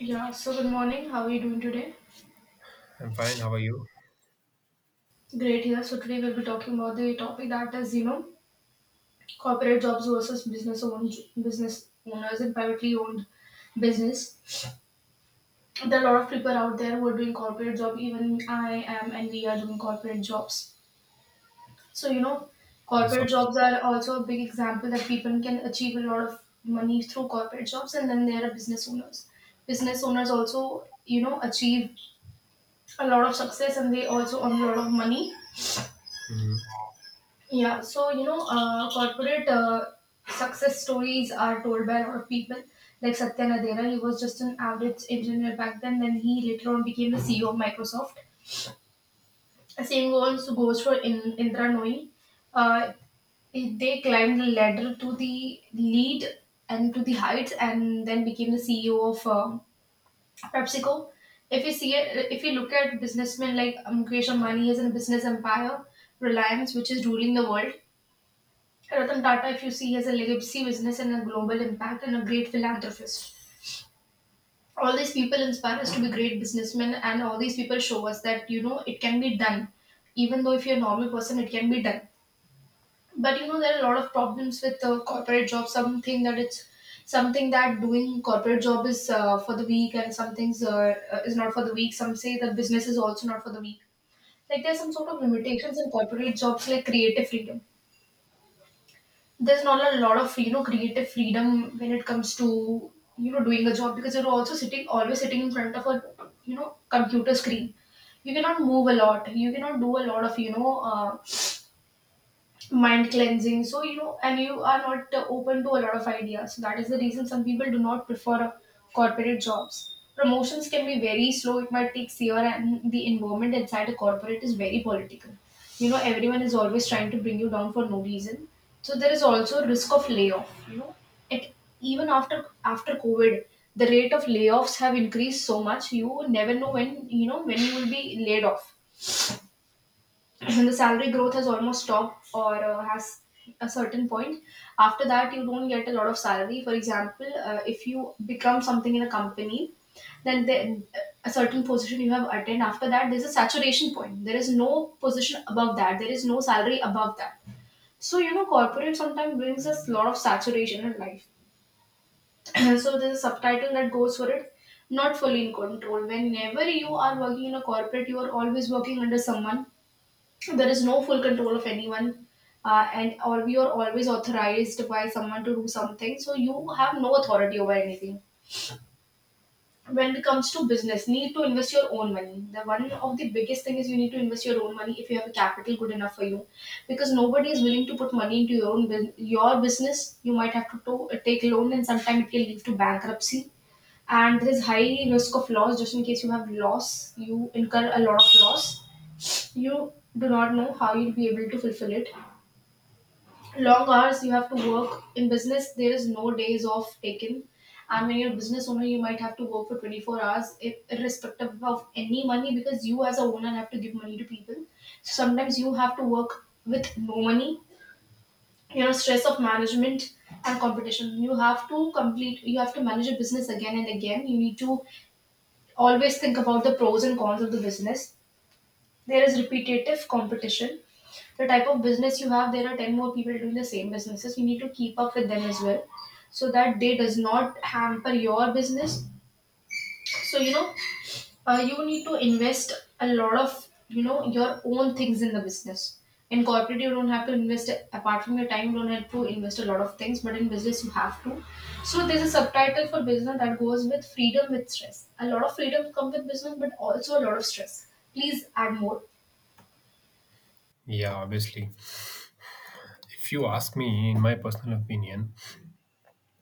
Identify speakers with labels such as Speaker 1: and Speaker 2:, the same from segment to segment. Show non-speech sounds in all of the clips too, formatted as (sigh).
Speaker 1: Yeah, so good morning. How are you doing today?
Speaker 2: I'm fine. How are you?
Speaker 1: Great here. So today we'll be talking about the topic that is, corporate jobs versus business owned business owners and privately owned business. There are a lot of people out there who are doing corporate job. Even I am, and we are doing corporate jobs. So you know,
Speaker 2: Yes. ob-
Speaker 1: corporate jobs are also a big example that people can achieve a lot of money through corporate jobs, and then there are business owners. Business owners also, achieve a lot of success, and they also earn a lot of money.
Speaker 2: Mhm.
Speaker 1: Yeah, so corporate success stories are told by a lot of people. Like Satya Nadella, he was just an average engineer back then. Then he later on became the CEO of Microsoft. The same goes for Indra Nooyi. Uh, they climbed the ladder to the lead and to the heights, and then became the CEO of PepsiCo. If you look at businessmen like Mukesh Ambani, he is a business empire, Reliance, which is ruling the world. Ratan Tata, if you see, has a legacy business and a global impact and a great philanthropist. All these people inspire us to be great businessmen, and all these people show us that you know it can be done. Even though if you're a normal person, it can be done. But you know there are a lot of problems with corporate job. Something that doing corporate job is for the weak, and some things is not for the weak. Some say that business is also not for the weak. Like there's some sort of limitations in corporate jobs, like creative freedom. There's not a lot of you know creative freedom when it comes to you know doing a job, because you're also sitting always sitting in front of a you know computer screen. You cannot move a lot, you cannot do a lot of mind cleansing, so you know and you are not open to a lot of ideas, so that is the reason some people do not prefer corporate jobs. Promotions can be very slow, it might take year, and the environment inside a corporate is very political. You know, everyone is always trying to bring you down for no reason. So there is also risk of layoff, you know, it, even after covid the rate of layoffs have increased so much. You never know when you know when you will be laid off, when the salary growth has almost stopped or has a certain point. After that you don't get a lot of salary. For example, if you become something in a company, then the, a certain position you have attained, after that there's a saturation point. There is no position above that, there is no salary above that. So you know corporate sometimes brings us a lot of saturation in life. (clears throat) So there's a subtitle that goes for it. Not fully in control, whenever you are working in a corporate you are always working under someone. There is no full control of anyone. And or we are always authorized by someone to do something, so you have no authority over anything. When it comes to business, need to invest your own money. The one of the biggest thing is you need to invest your own money if you have a capital good enough for you, because nobody is willing to put money into your your business. You might have to take loan, and sometimes it can lead to bankruptcy. And there is high risk of loss. Just in case you have loss, you incur a lot of loss, you do not know how you'll be able to fulfill it. Long hours, you have to work in business, there is no days off taken. And when you're a business owner you might have to work for 24 hours, irrespective of any money, because you as a owner have to give money to people. So sometimes you have to work with no money, you know, stress of management and competition. You have to complete, you have to manage a business again and again. You need to always think about the pros and cons of the business. There is repetitive competition. The type of business you have, there are 10 more people doing the same businesses, you need to keep up with them as well, so that they does not hamper your business. So you need to invest a lot of you know your own things in the business. In corporate you don't have to invest apart from your time, you don't have to invest a lot of things, but in business you have to. So there's a subtitle for business that goes with freedom with stress. A lot of freedom come with business, but also a lot of stress. Please add more.
Speaker 2: Yeah, obviously. If you ask me, in my personal opinion,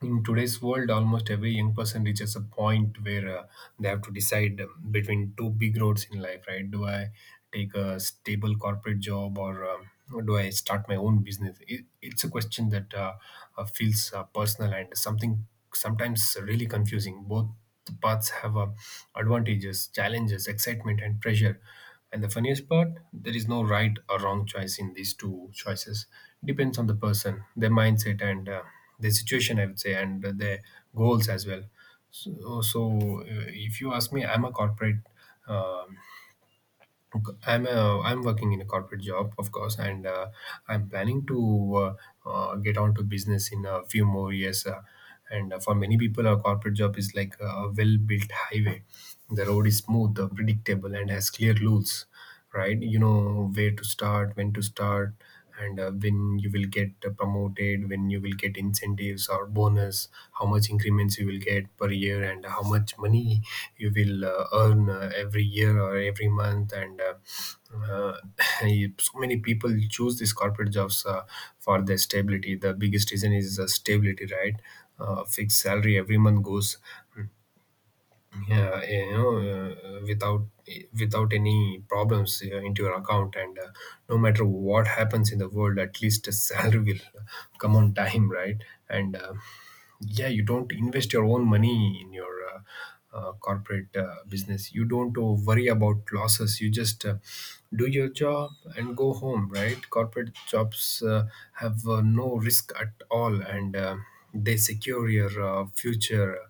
Speaker 2: in today's world, almost every young person reaches a point where they have to decide between two big roads in life, right? Do I take a stable corporate job, or do I start my own business? It's a question that feels personal and something sometimes really confusing. Both paths have advantages, challenges, excitement, and pressure. And the funniest part, there is no right or wrong choice in these two choices. Depends on the person, their mindset, and their situation, I would say, and their goals as well. So if you ask me, I'm a corporate. Um, I'm working in a corporate job, of course, and I'm planning to get on to business in a few more years. And For many people, a corporate job is like a well-built highway. The road is smooth, predictable, and has clear rules, right? You know where to start, when to start, and when you will get promoted, when you will get incentives or bonus, how much increments you will get per year, and how much money you will earn every year or every month. And uh, (laughs) (clears throat) so many people choose these corporate jobs for their stability. The biggest reason is stability, right? Fixed salary every month goes, yeah, yeah, you know, without any problems into your account. And No matter what happens in the world, at least a (laughs) salary will come on time, right? and Yeah, you don't invest your own money in your corporate business. You don't worry about losses. You just do your job and go home, right? Corporate jobs have no risk at all, and they secure your future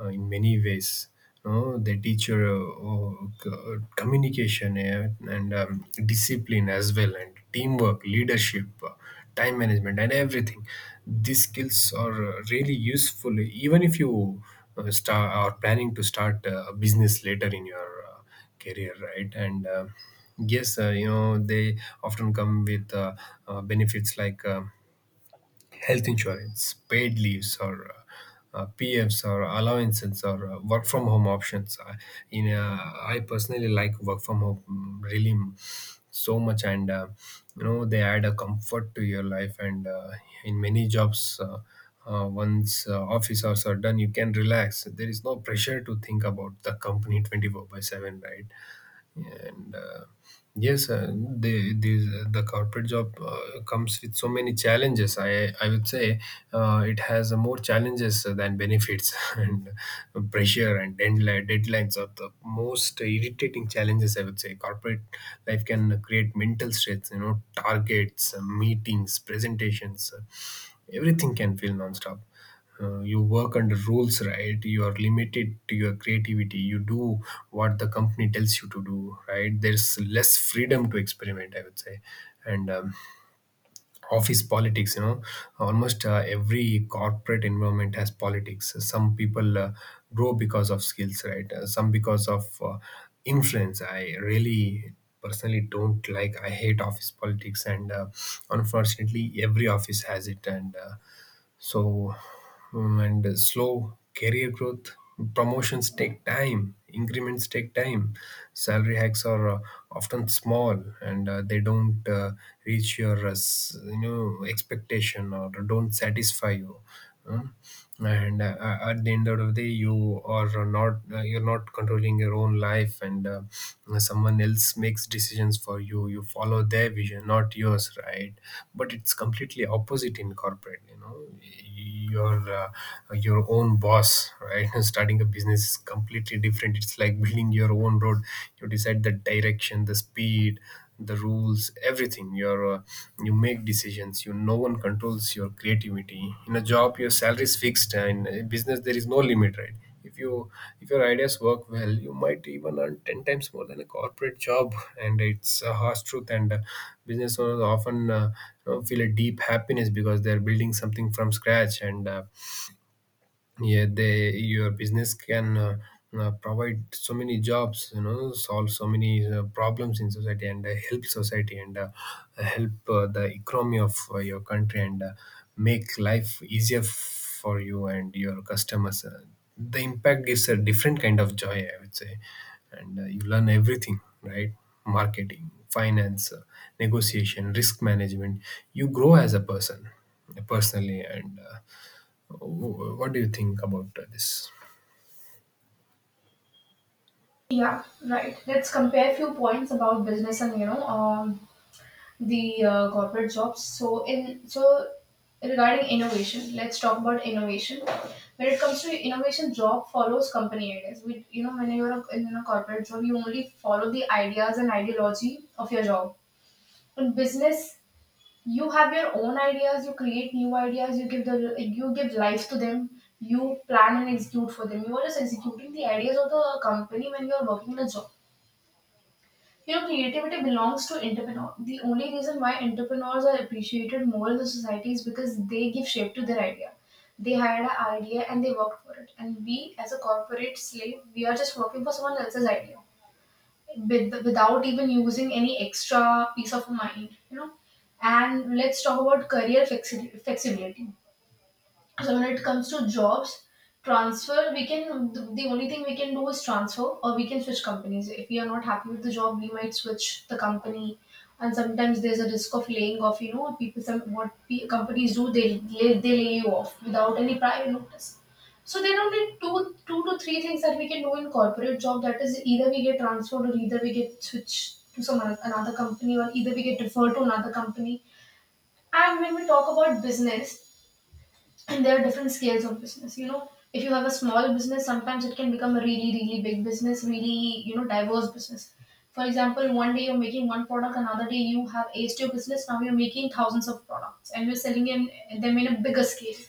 Speaker 2: in many ways. No, they teach your communication and discipline as well, and teamwork, leadership, time management, and everything. These skills are really useful, even if you start are planning to start a business later in your career, right? And yes, you know, they often come with benefits like, health insurance, paid leaves, or PFs, or allowances, or work from home options. In I personally like work from home mm, really mm, so much, and you know, they add a comfort to your life. And in many jobs, once office hours are done, you can relax. There is no pressure to think about the company 24 by seven, right? and Yes, the corporate job comes with so many challenges, I would say. It has more challenges than benefits, (laughs) and pressure and deadlines are the most irritating challenges, I would say. Corporate life can create mental stress, you know, targets, meetings, presentations, everything can feel nonstop. You work under rules, right? You are limited to your creativity. You do what the company tells you to do, right? There's less freedom to experiment, I would say. And office politics, you know, almost every corporate environment has politics. Some people grow because of skills, right? Some because of influence. I really personally don't like I hate office politics, and unfortunately every office has it, and so, and slow career growth, promotions take time, increments take time, salary hikes are often small, and they don't reach your you know expectation or don't satisfy you. Huh? and At the end of the day, you are not you're not controlling your own life, and someone else makes decisions for you. You follow their vision, not yours, right? But it's completely opposite in corporate, you know, you're your own boss, right? (laughs) Starting a business is completely different. It's like (laughs) building your own road. You decide the direction, the speed, the rules, everything. You make decisions. You no one controls your creativity. In a job your salary is fixed, and in business there is no limit, right? if you if your ideas work well, you might even earn 10 times more than a corporate job, and it's a harsh truth. And business owners often you know, feel a deep happiness because they're building something from scratch. And yeah, they your business can provide so many jobs, you know, solve so many problems in society, and help society, and help the economy of your country, and make life easier for you and your customers. The impact gives a different kind of joy, I would say. And you learn everything, right? Marketing, finance, negotiation, risk management. You grow as a person, personally. What do you think about this?
Speaker 1: Yeah, right. Let's compare few points about business and the corporate jobs. So regarding innovation, let's talk about innovation. When it comes to innovation, job follows company ideas. We you know when you're in a corporate job, you only follow the ideas and ideology of your job. In business, you have your own ideas. You create new ideas. You give life to them. You plan and execute for them. You are just executing the ideas of the company when you are working in a job. You know, creativity belongs to entrepreneur. The only reason why entrepreneurs are appreciated more in the society is because they give shape to their idea. They had an idea and they worked for it. And we, as a corporate slave, we are just working for someone else's idea without even using any extra piece of mind, you know. And let's talk about career flexibility. So when it comes to jobs, transfer, the only thing we can do is transfer, or we can switch companies. If we are not happy with the job, we might switch the company. And sometimes there's a risk of laying off. You know, people some what pe- companies do, they lay you off without any prior notice. So there are only two to three things that we can do in corporate job. That is, either we get transferred, or either we get switched to another company, or either we get referred to another company. And when we talk about business, and there are different scales of business, you know, if you have a small business sometimes it can become a really big business, really, you know, diverse business. For example, one day you're making one product, another day you have aced your business, now you're making thousands of products and you're them in a bigger scale.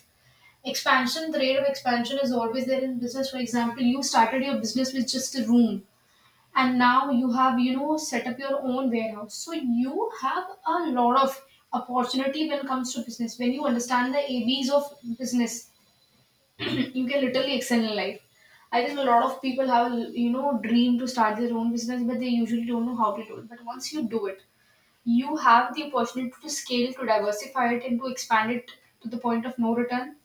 Speaker 1: Expansion, the rate of expansion is always there in business. For example, you started your business with just a room, and now you have you know set up your own warehouse. So you have a lot of opportunity when it comes to business. When you understand the abs of business, (clears throat) you can literally excel in life. I think a lot of people have a you know dream to start their own business, but they usually don't know how to do it. But once you do it, you have the opportunity to scale, to diversify it, and to expand it to the point of no return.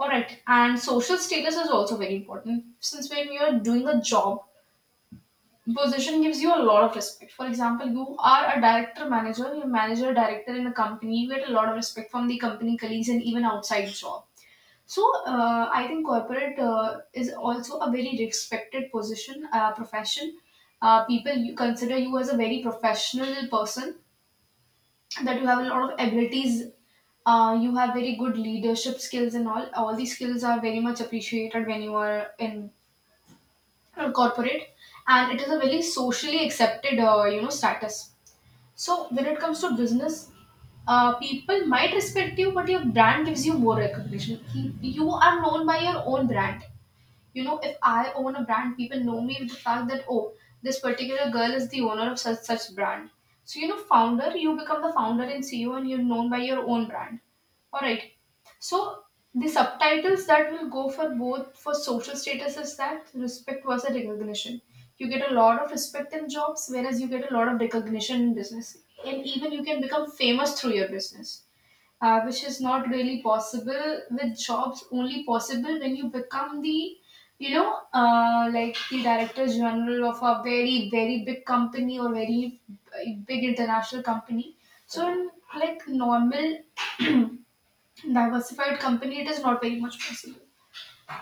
Speaker 1: All right, and social status is also very important, since when you're doing a job, position gives you a lot of respect. For example, you are a director manager, you're manager director in a company, you get a lot of respect from the company colleagues and even outside job. So I think corporate is also a very respected position, profession. People you consider you as a very professional person, that you have a lot of abilities, you have very good leadership skills and all. All these skills are very much appreciated when you are in corporate, and it is a very socially accepted, status. So when it comes to business, people might respect you, but your brand gives you more recognition. He, you are known by your own brand. You know, if I own a brand, people know me with the fact that, oh, this particular girl is the owner of such such brand. So you know, founder, you become the founder and CEO and you're known by your own brand. All right, so the subtitles that will go for both for social status is that respect versus recognition. You get a lot of respect in jobs, whereas you get a lot of recognition in business. And even you can become famous through your business, which is not really possible with jobs, only possible when you become the like the director general of a very very big company or very big international company. So in like normal diversified company it is not very much possible.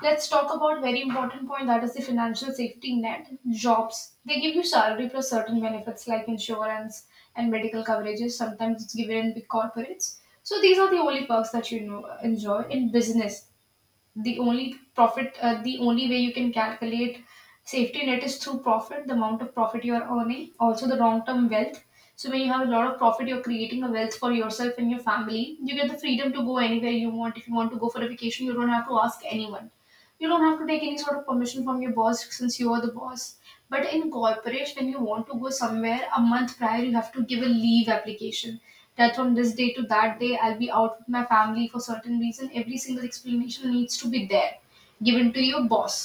Speaker 1: Let's talk about very important point, that is the financial safety net. Jobs, they give you salary plus certain benefits like insurance and medical coverages. Sometimes it's given in big corporates. So these are the only perks that enjoy in business. The only profit, the only way you can calculate safety net is through profit, the amount of profit you are earning, also the long term wealth. So when you have a lot of profit, you're creating a wealth for yourself and your family. You get the freedom to go anywhere you want. If you want to go for a vacation, you don't have to ask anyone, you don't have to take any sort of permission from your boss, since you are the boss. But in corporate, when you want to go somewhere, a month prior you have to give a leave application, that from this day to that day I'll be out with my family for certain reason. Every single explanation needs to be there, given to your boss,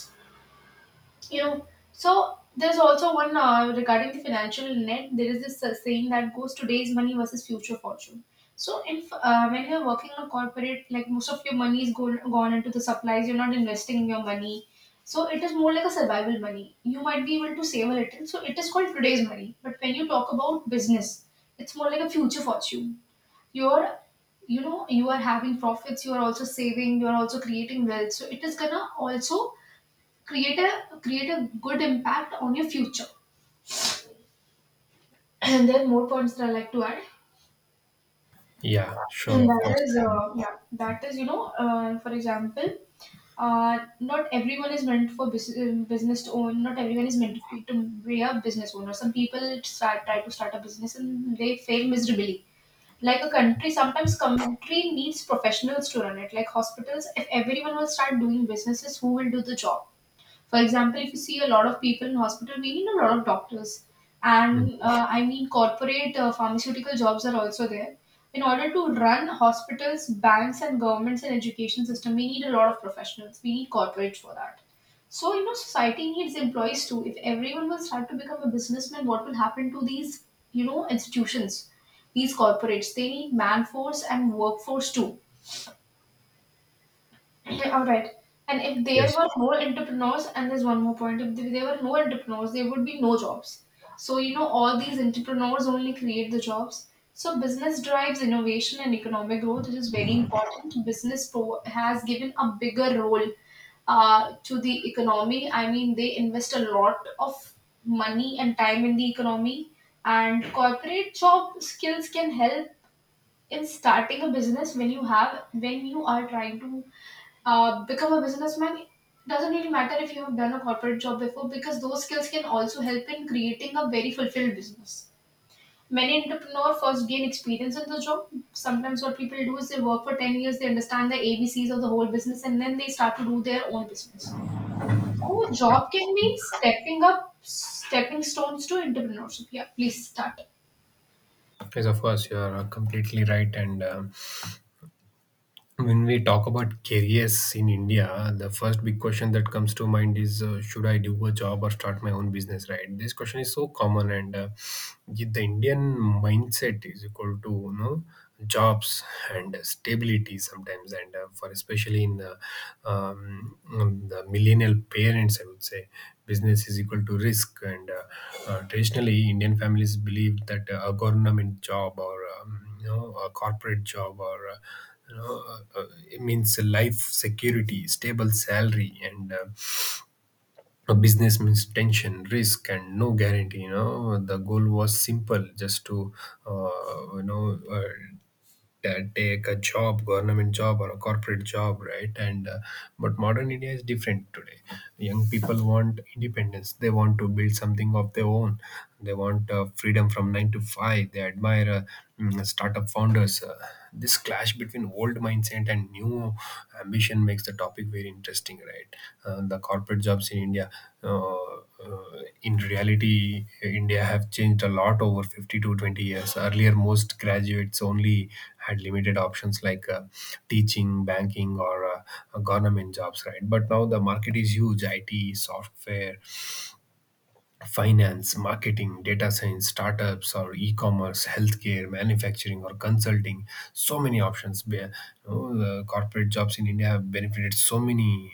Speaker 1: you know. So there's also one, regarding the financial net, there is this saying that goes, today's money versus future fortune. So if when you're working in a corporate, like most of your money is gone into the supplies, you're not investing your money. So it is more like a survival money, you might be able to save a little, so it is called today's money. But when you talk about business, it's more like a future fortune. You're, you know, you are having profits, you are also saving, you are also creating wealth, so it is gonna also create a good impact on your future. And there are more points that I like to add,
Speaker 2: Yeah, sure,
Speaker 1: and
Speaker 2: of
Speaker 1: that
Speaker 2: course.
Speaker 1: is yeah, that is, you know, for example, not everyone is meant for business to own. Not everyone is meant to be a business owner. Some people try to start a business and they fail miserably. Like a country, sometimes country needs professionals to run it, like hospitals. If everyone will start doing businesses, who will do the job? For example, if you see a lot of people in hospital, we need a lot of doctors.
Speaker 2: Mm.
Speaker 1: And I mean, corporate pharmaceutical jobs are also there. In order to run hospitals, banks, and governments and education system, we need a lot of professionals. We need corporates for that. So, you know, society needs employees too. If everyone will start to become a businessman, what will happen to these, you know, institutions, these corporates? They need man force and workforce too. (clears throat) All right. And if there
Speaker 2: Yes,
Speaker 1: were no entrepreneurs, and there's one more point, if there were no entrepreneurs, there would be no jobs. So, you know, all these entrepreneurs only create the jobs. So, business drives innovation and economic growth, which is very important. Business has given a bigger role to the economy. I mean, they invest a lot of money and time in the economy, and corporate job skills can help in starting a business. When you are trying to become a businessman, it doesn't really matter if you have done a corporate job before, because those skills can also help in creating a very fulfilled business. Many entrepreneurs first gain experience in the job. Sometimes what people do is they work for 10 years, they understand the ABCs of the whole business, and then they start to do their own business. So job can be stepping stones to entrepreneurship. Yeah, please start.
Speaker 2: yes, of course, you are completely right, and when we talk about careers in India, the first big question that comes to mind is, should I do a job or start my own business, right? This question is so common, and the Indian mindset is equal to, you know, jobs and stability sometimes, and for especially in um, the millennial parents, I would say business is equal to risk, and traditionally Indian families believe that a government job, or you know, a corporate job, or it means life security, stable salary, and a business means tension, risk, and no guarantee. You know, the goal was simple, just to uh, you know. Uh, take a job, government job or a corporate job, right? and But modern India is different today. Young people want independence. They want to build something of their own. They want freedom from 9 to 5. They admire startup founders. This clash between old mindset and new ambition makes the topic very interesting, right? The corporate jobs in india uh, in reality, India have changed a lot over 50 to 20 years. Earlier most graduates only had limited options like teaching, banking, or government jobs, right? But now the market is huge. It Software, finance, marketing, data science, startups, or e-commerce, healthcare, manufacturing, or consulting. So many options. You know, the corporate jobs in India have benefited so many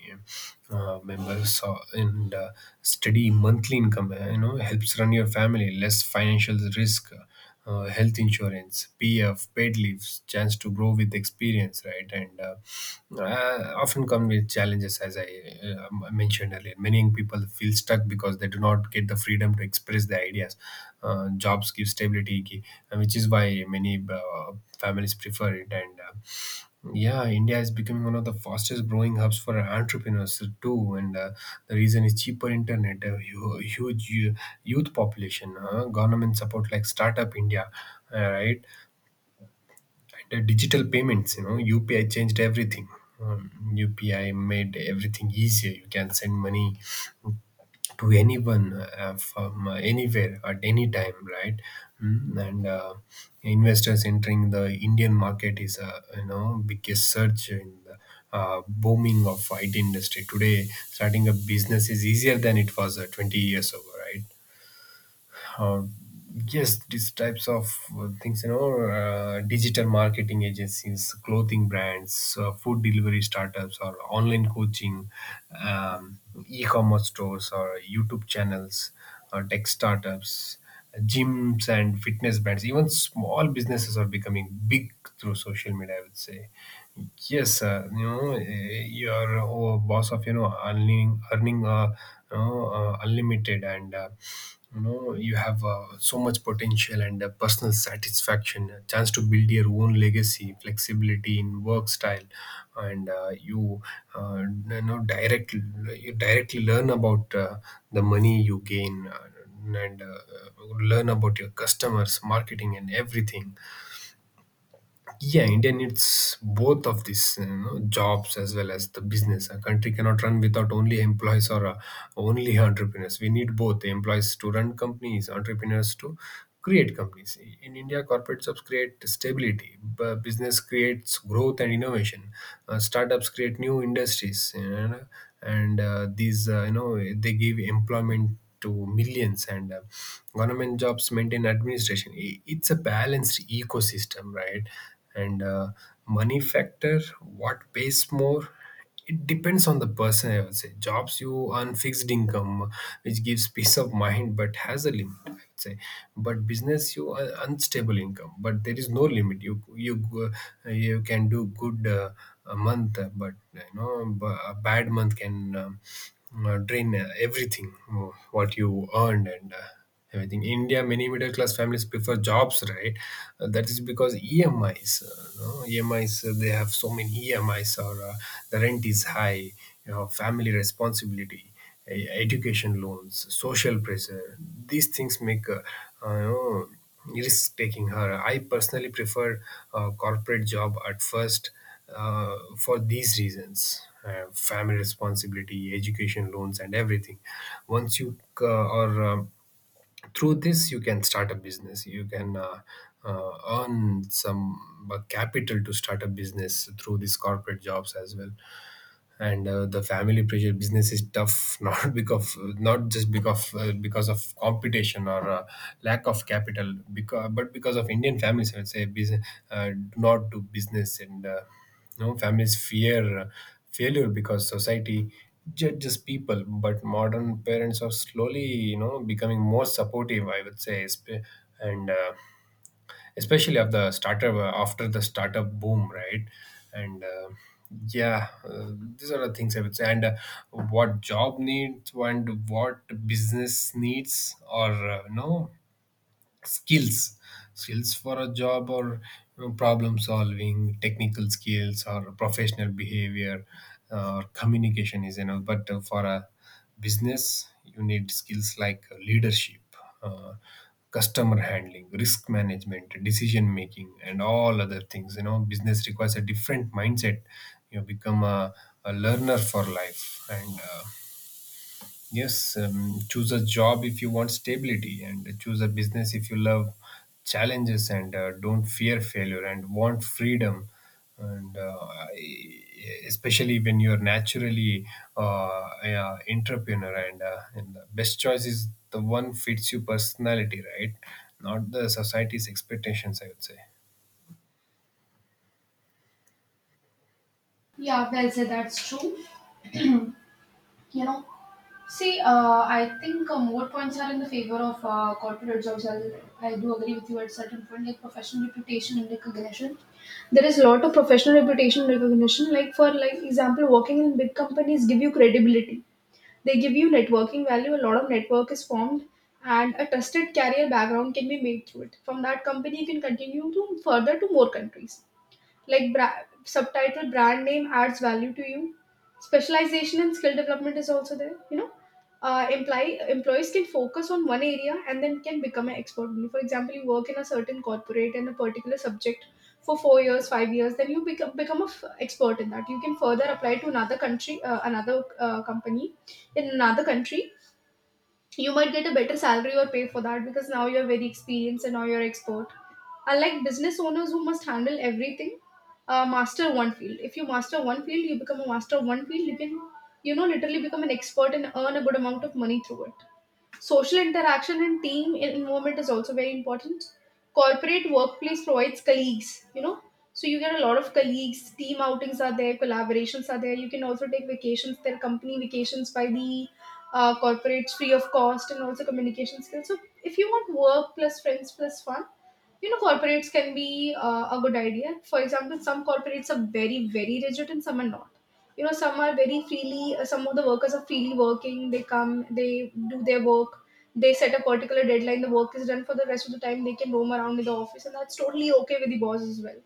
Speaker 2: members, and steady monthly income, you know, helps run your family, less financial risk, health insurance, PF, paid leaves, chance to grow with experience, right? And often come with challenges, as I mentioned earlier. Many young people feel stuck because they do not get the freedom to express their ideas. Jobs give stability, which is why many families prefer it. And yeah, India is becoming one of the fastest growing hubs for entrepreneurs too, and the reason is cheaper internet, a huge youth population, government support like Startup India, right? The digital payments, you know, UPI changed everything. um, UPI made everything easier. You can send money to anyone from anywhere at any time, right? Mm, and investors entering the Indian market is a, you know, biggest surge in the booming of IT industry today. Starting a business is easier than it was 20 years ago, right? uh, yes, these types of things, you know, digital marketing agencies, clothing brands, food delivery startups, or online coaching, um, e-commerce stores, or YouTube channels, or tech startups, gyms and fitness brands. Even small businesses are becoming big through social media, I would say. Yes, you know, you're a boss of, you know, earning unlimited, and you know, you have so much potential, and personal satisfaction, a chance to build your own legacy, flexibility in work style. And uh, you know, direct you directly learn about the money you gain, and learn about your customers, marketing, and everything. Yeah, India needs both of these, you know, jobs as well as the business. A country cannot run without only employees or only (laughs) entrepreneurs. We need both employees to run companies, entrepreneurs to create companies. In India, corporate jobs create stability, business creates growth and innovation. Startups create new industries, and these you know they give employment to millions. And Government jobs maintain administration. It's a balanced ecosystem, right? and Money factor, what pays more? It depends on the person, I would say. Jobs, you earn fixed income which gives peace of mind but has a limit, I would say. But business, you earn unstable income but there is no limit. You can do good, a month, but you know, a bad month can drain everything what you earned. And I think India, many middle class families prefer jobs, right? That is because EMIs, no? EMIs, they have so many EMIs, or the rent is high, family responsibility, education loans, social pressure. These things make uh, you know, risk taking her. I personally prefer corporate job at first, for these reasons, family responsibility, education loans and everything. Once you are through this, you can start a business. You can earn some capital to start a business through these corporate jobs as well. And The family pressure, business is tough (laughs) not just because of competition or lack of capital, because but because of Indian families, I'd say business, do not do business. And you know Families fear failure because society judges people. But modern parents are slowly, becoming more supportive, I would say, sp- and especially of the startup, after the startup boom, right? and yeah These are the things I would say. And What job needs and what business needs, or no skills. Skills for a job, problem solving, technical skills, or professional behavior or communication is enough. But for a business, you need skills like leadership, uh, customer handling, risk management, decision making and all other things. You know, business requires a different mindset. You become a learner for life. And Yes, choose a job if you want stability, and choose a business if you love challenges and don't fear failure and want freedom. And uh, I- Especially when you're naturally an entrepreneur, and the best choice is the one fits your personality, right? Not the society's expectations, I would say.
Speaker 1: Yeah, well said, that's true. You know, see, I think more points are in the favor of corporate jobs. I do agree with you at certain point, like professional reputation and recognition. There is a lot of professional reputation recognition. Like example, working in big companies give you credibility. They give you networking value. A lot of network is formed, and a trusted career background can be made through it. From that company, you can continue to further to more countries. Like subtitle brand name adds value to you. Specialization and skill development is also there. You know, employees can focus on one area and then can become an expert. Like, for example, you work in a certain corporate in a particular subject for 4 years, 5 years, then you become a expert in that. You can further apply to another country, another company in another country. You might get a better salary or pay for that, because now you're very experienced and now you're expert, unlike business owners who must handle everything. Master one field. If you master one field, you become a master of one field, you can, you know, literally become an expert and earn a good amount of money through it. Social interaction and team involvement is also very important. Corporate workplace provides colleagues, you know. So you get a lot of colleagues, team outings are there, collaborations are there. You can also take vacations, there are company vacations by the corporates free of cost, and also communication skills. So if you want work plus friends plus fun, you know, corporates can be a good idea. For example, some corporates are very very rigid and some are not. You know, some are very freely, some of the workers are freely working. They come, they do their work, they set a particular deadline, the work is done, for the rest of the time they can roam around in the office, and that's totally okay with the boss as well,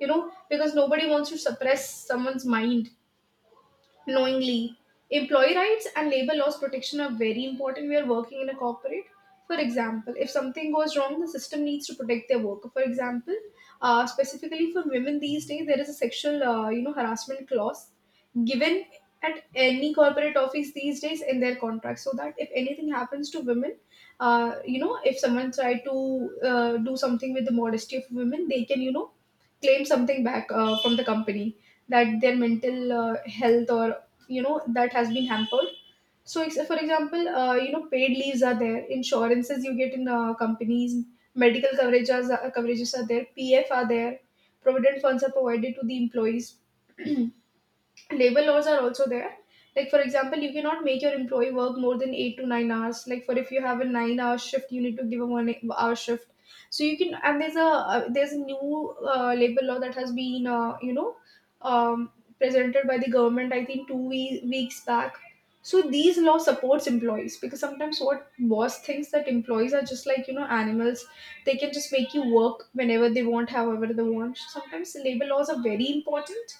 Speaker 1: you know, because nobody wants to suppress someone's mind knowingly. Employee rights and labor laws protection are very important. We are working in a corporate. For example, if something goes wrong, the system needs to protect their worker. For example, specifically for women these days, there is a sexual, you know, harassment clause given at any corporate office these days in their contract, so that if anything happens to women, you know, if someone try to do something with the modesty of women, they can, you know, claim something back from the company, that their mental health or you know, that has been hampered. So for example, you know, paid leaves are there, insurances you get in companies, medical coverages, coverages are there, pf are there, provident funds are provided to the employees. (clears throat) Labor laws are also there. Like for example, you cannot make your employee work more than 8 to 9 hours. Like for if you have a 9-hour shift, you need to give a 1 hour shift. So you can, and there's a, there's a new labor law that has been, you know, um, presented by the government, I think 2 weeks back. So these law supports employees, because sometimes what boss thinks that employees are just like, you know, animals, they can just make you work whenever they want, however they want. Sometimes labor laws are very important.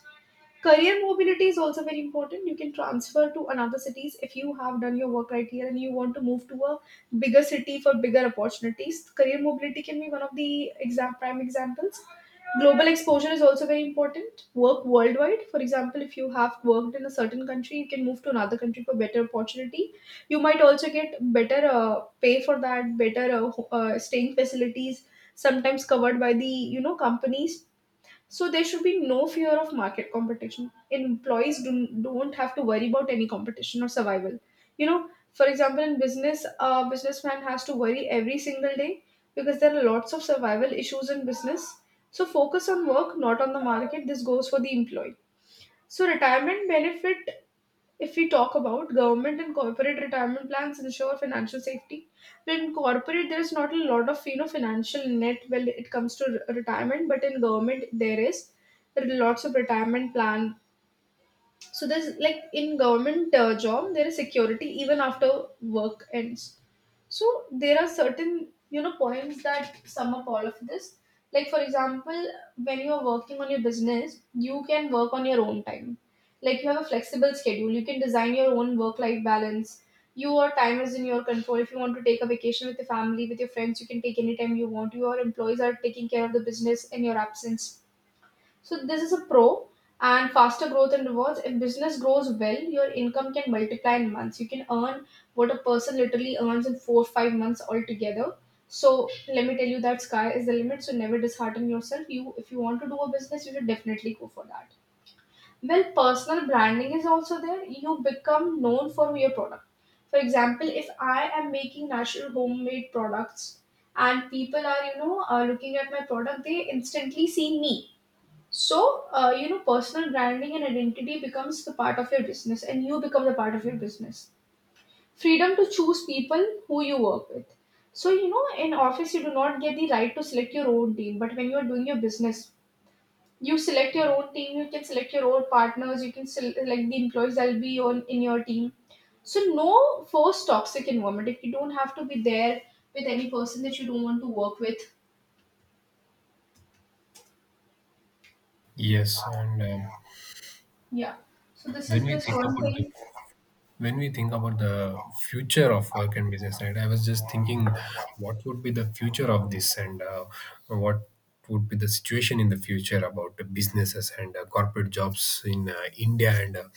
Speaker 1: Career mobility is also very important. You can transfer to another cities if you have done your work right here and you want to move to a bigger city for bigger opportunities. Career mobility can be one of the exact prime examples. Global exposure is also very important. Work worldwide. For example, if you have worked in a certain country, you can move to another country for better opportunity. You might also get better pay for that, better staying facilities, sometimes covered by the, you know, companies. So there should be no fear of market competition. Don't have to worry about any competition or survival. You know, for example, in business, a businessman has to worry every single day, because there are lots of survival issues in business. So focus on work, not on the market. This goes for the employee. So retirement benefit, if we talk about government and corporate retirement plans ensure financial safety, but in corporate there is not a lot of, you know, financial net when it comes to retirement, but in government there is, there are lots of retirement plan. So there's like in government job, there is security even after work ends. So there are certain, you know, points that sum up all of this. Like for example, when you are working on your business, you can work on your own time. Like you have a flexible schedule. You can design your own work-life balance. Your time is in your control. If you want to take a vacation with your family, with your friends, you can take any time you want. Your employees are taking care of the business in your absence, so this is a pro. And faster growth and rewards. If business grows well, your income can multiply in months. You can earn what a person literally earns in 4 5 months altogether. So let me tell you that sky is the limit. So never dishearten yourself. You If you want to do a business, you should definitely go for that. Well, personal branding is also there. You become known for your product. For example, if I am making natural homemade products and people are, you know, looking at my product, they instantly see me. So, you know, personal branding and identity becomes the part of your business, and you become the part of your business. Freedom to choose people who you work with. So, you know, in office, you do not get the right to select your own team, but when you are doing your business, you select your own team, you can select your own partners, you can select the employees that will be on, in your team. So, no forced toxic environment, if you don't have to be there with any person that you don't want to work with.
Speaker 2: Yes, and
Speaker 1: Yeah. So, this
Speaker 2: when
Speaker 1: is
Speaker 2: we
Speaker 1: this
Speaker 2: think
Speaker 1: one
Speaker 2: about the
Speaker 1: thing.
Speaker 2: when we think about the future of work and business, right? I was just thinking what would be the future of this, and what would be the situation in the future about the businesses and corporate jobs in India and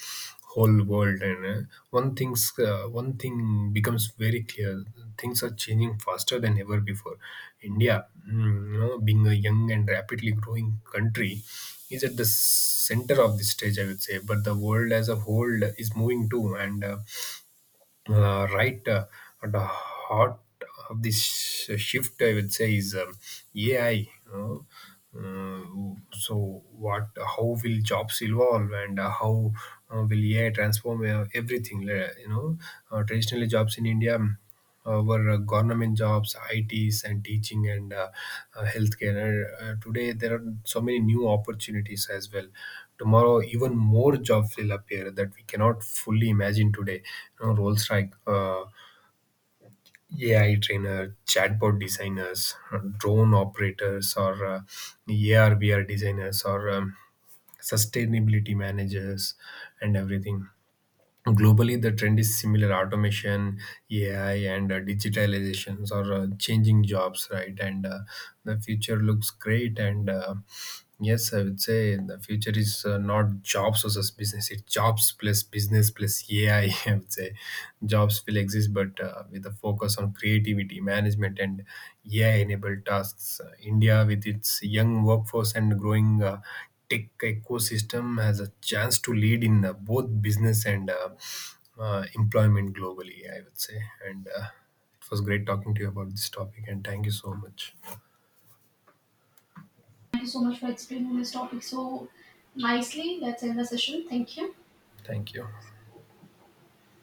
Speaker 2: whole world. And one things One thing becomes very clear: things are changing faster than ever before. India, you know, being a young and rapidly growing country, is at the center of this stage, I would say. But the world as a whole is moving too, and right at the heart of this shift, I would say, is AI. Uh, so what? How will jobs evolve? And How will AI transform everything? You know, traditionally jobs in India were government jobs, ITs, and teaching and healthcare. And today, there are so many new opportunities as well. Tomorrow, even more jobs will appear that we cannot fully imagine today. You know, roles like AI trainer, chatbot designers, drone operators, or AR/VR designers, or sustainability managers, and everything. Globally the trend is similar: automation, AI and digitalizations are changing jobs, right? and the future looks great and yes, I would say the future is not jobs versus business, it's jobs plus business plus AI (laughs) I would say. Jobs will exist but with a focus on creativity, management and AI enabled tasks. India, with its young workforce and growing tech ecosystem, has a chance to lead in both business and employment globally, I would say. And It was great talking to you about this topic, and thank you so much.
Speaker 1: Thank you so much for explaining this topic so nicely. Let's end the session. Thank you.
Speaker 2: Thank you.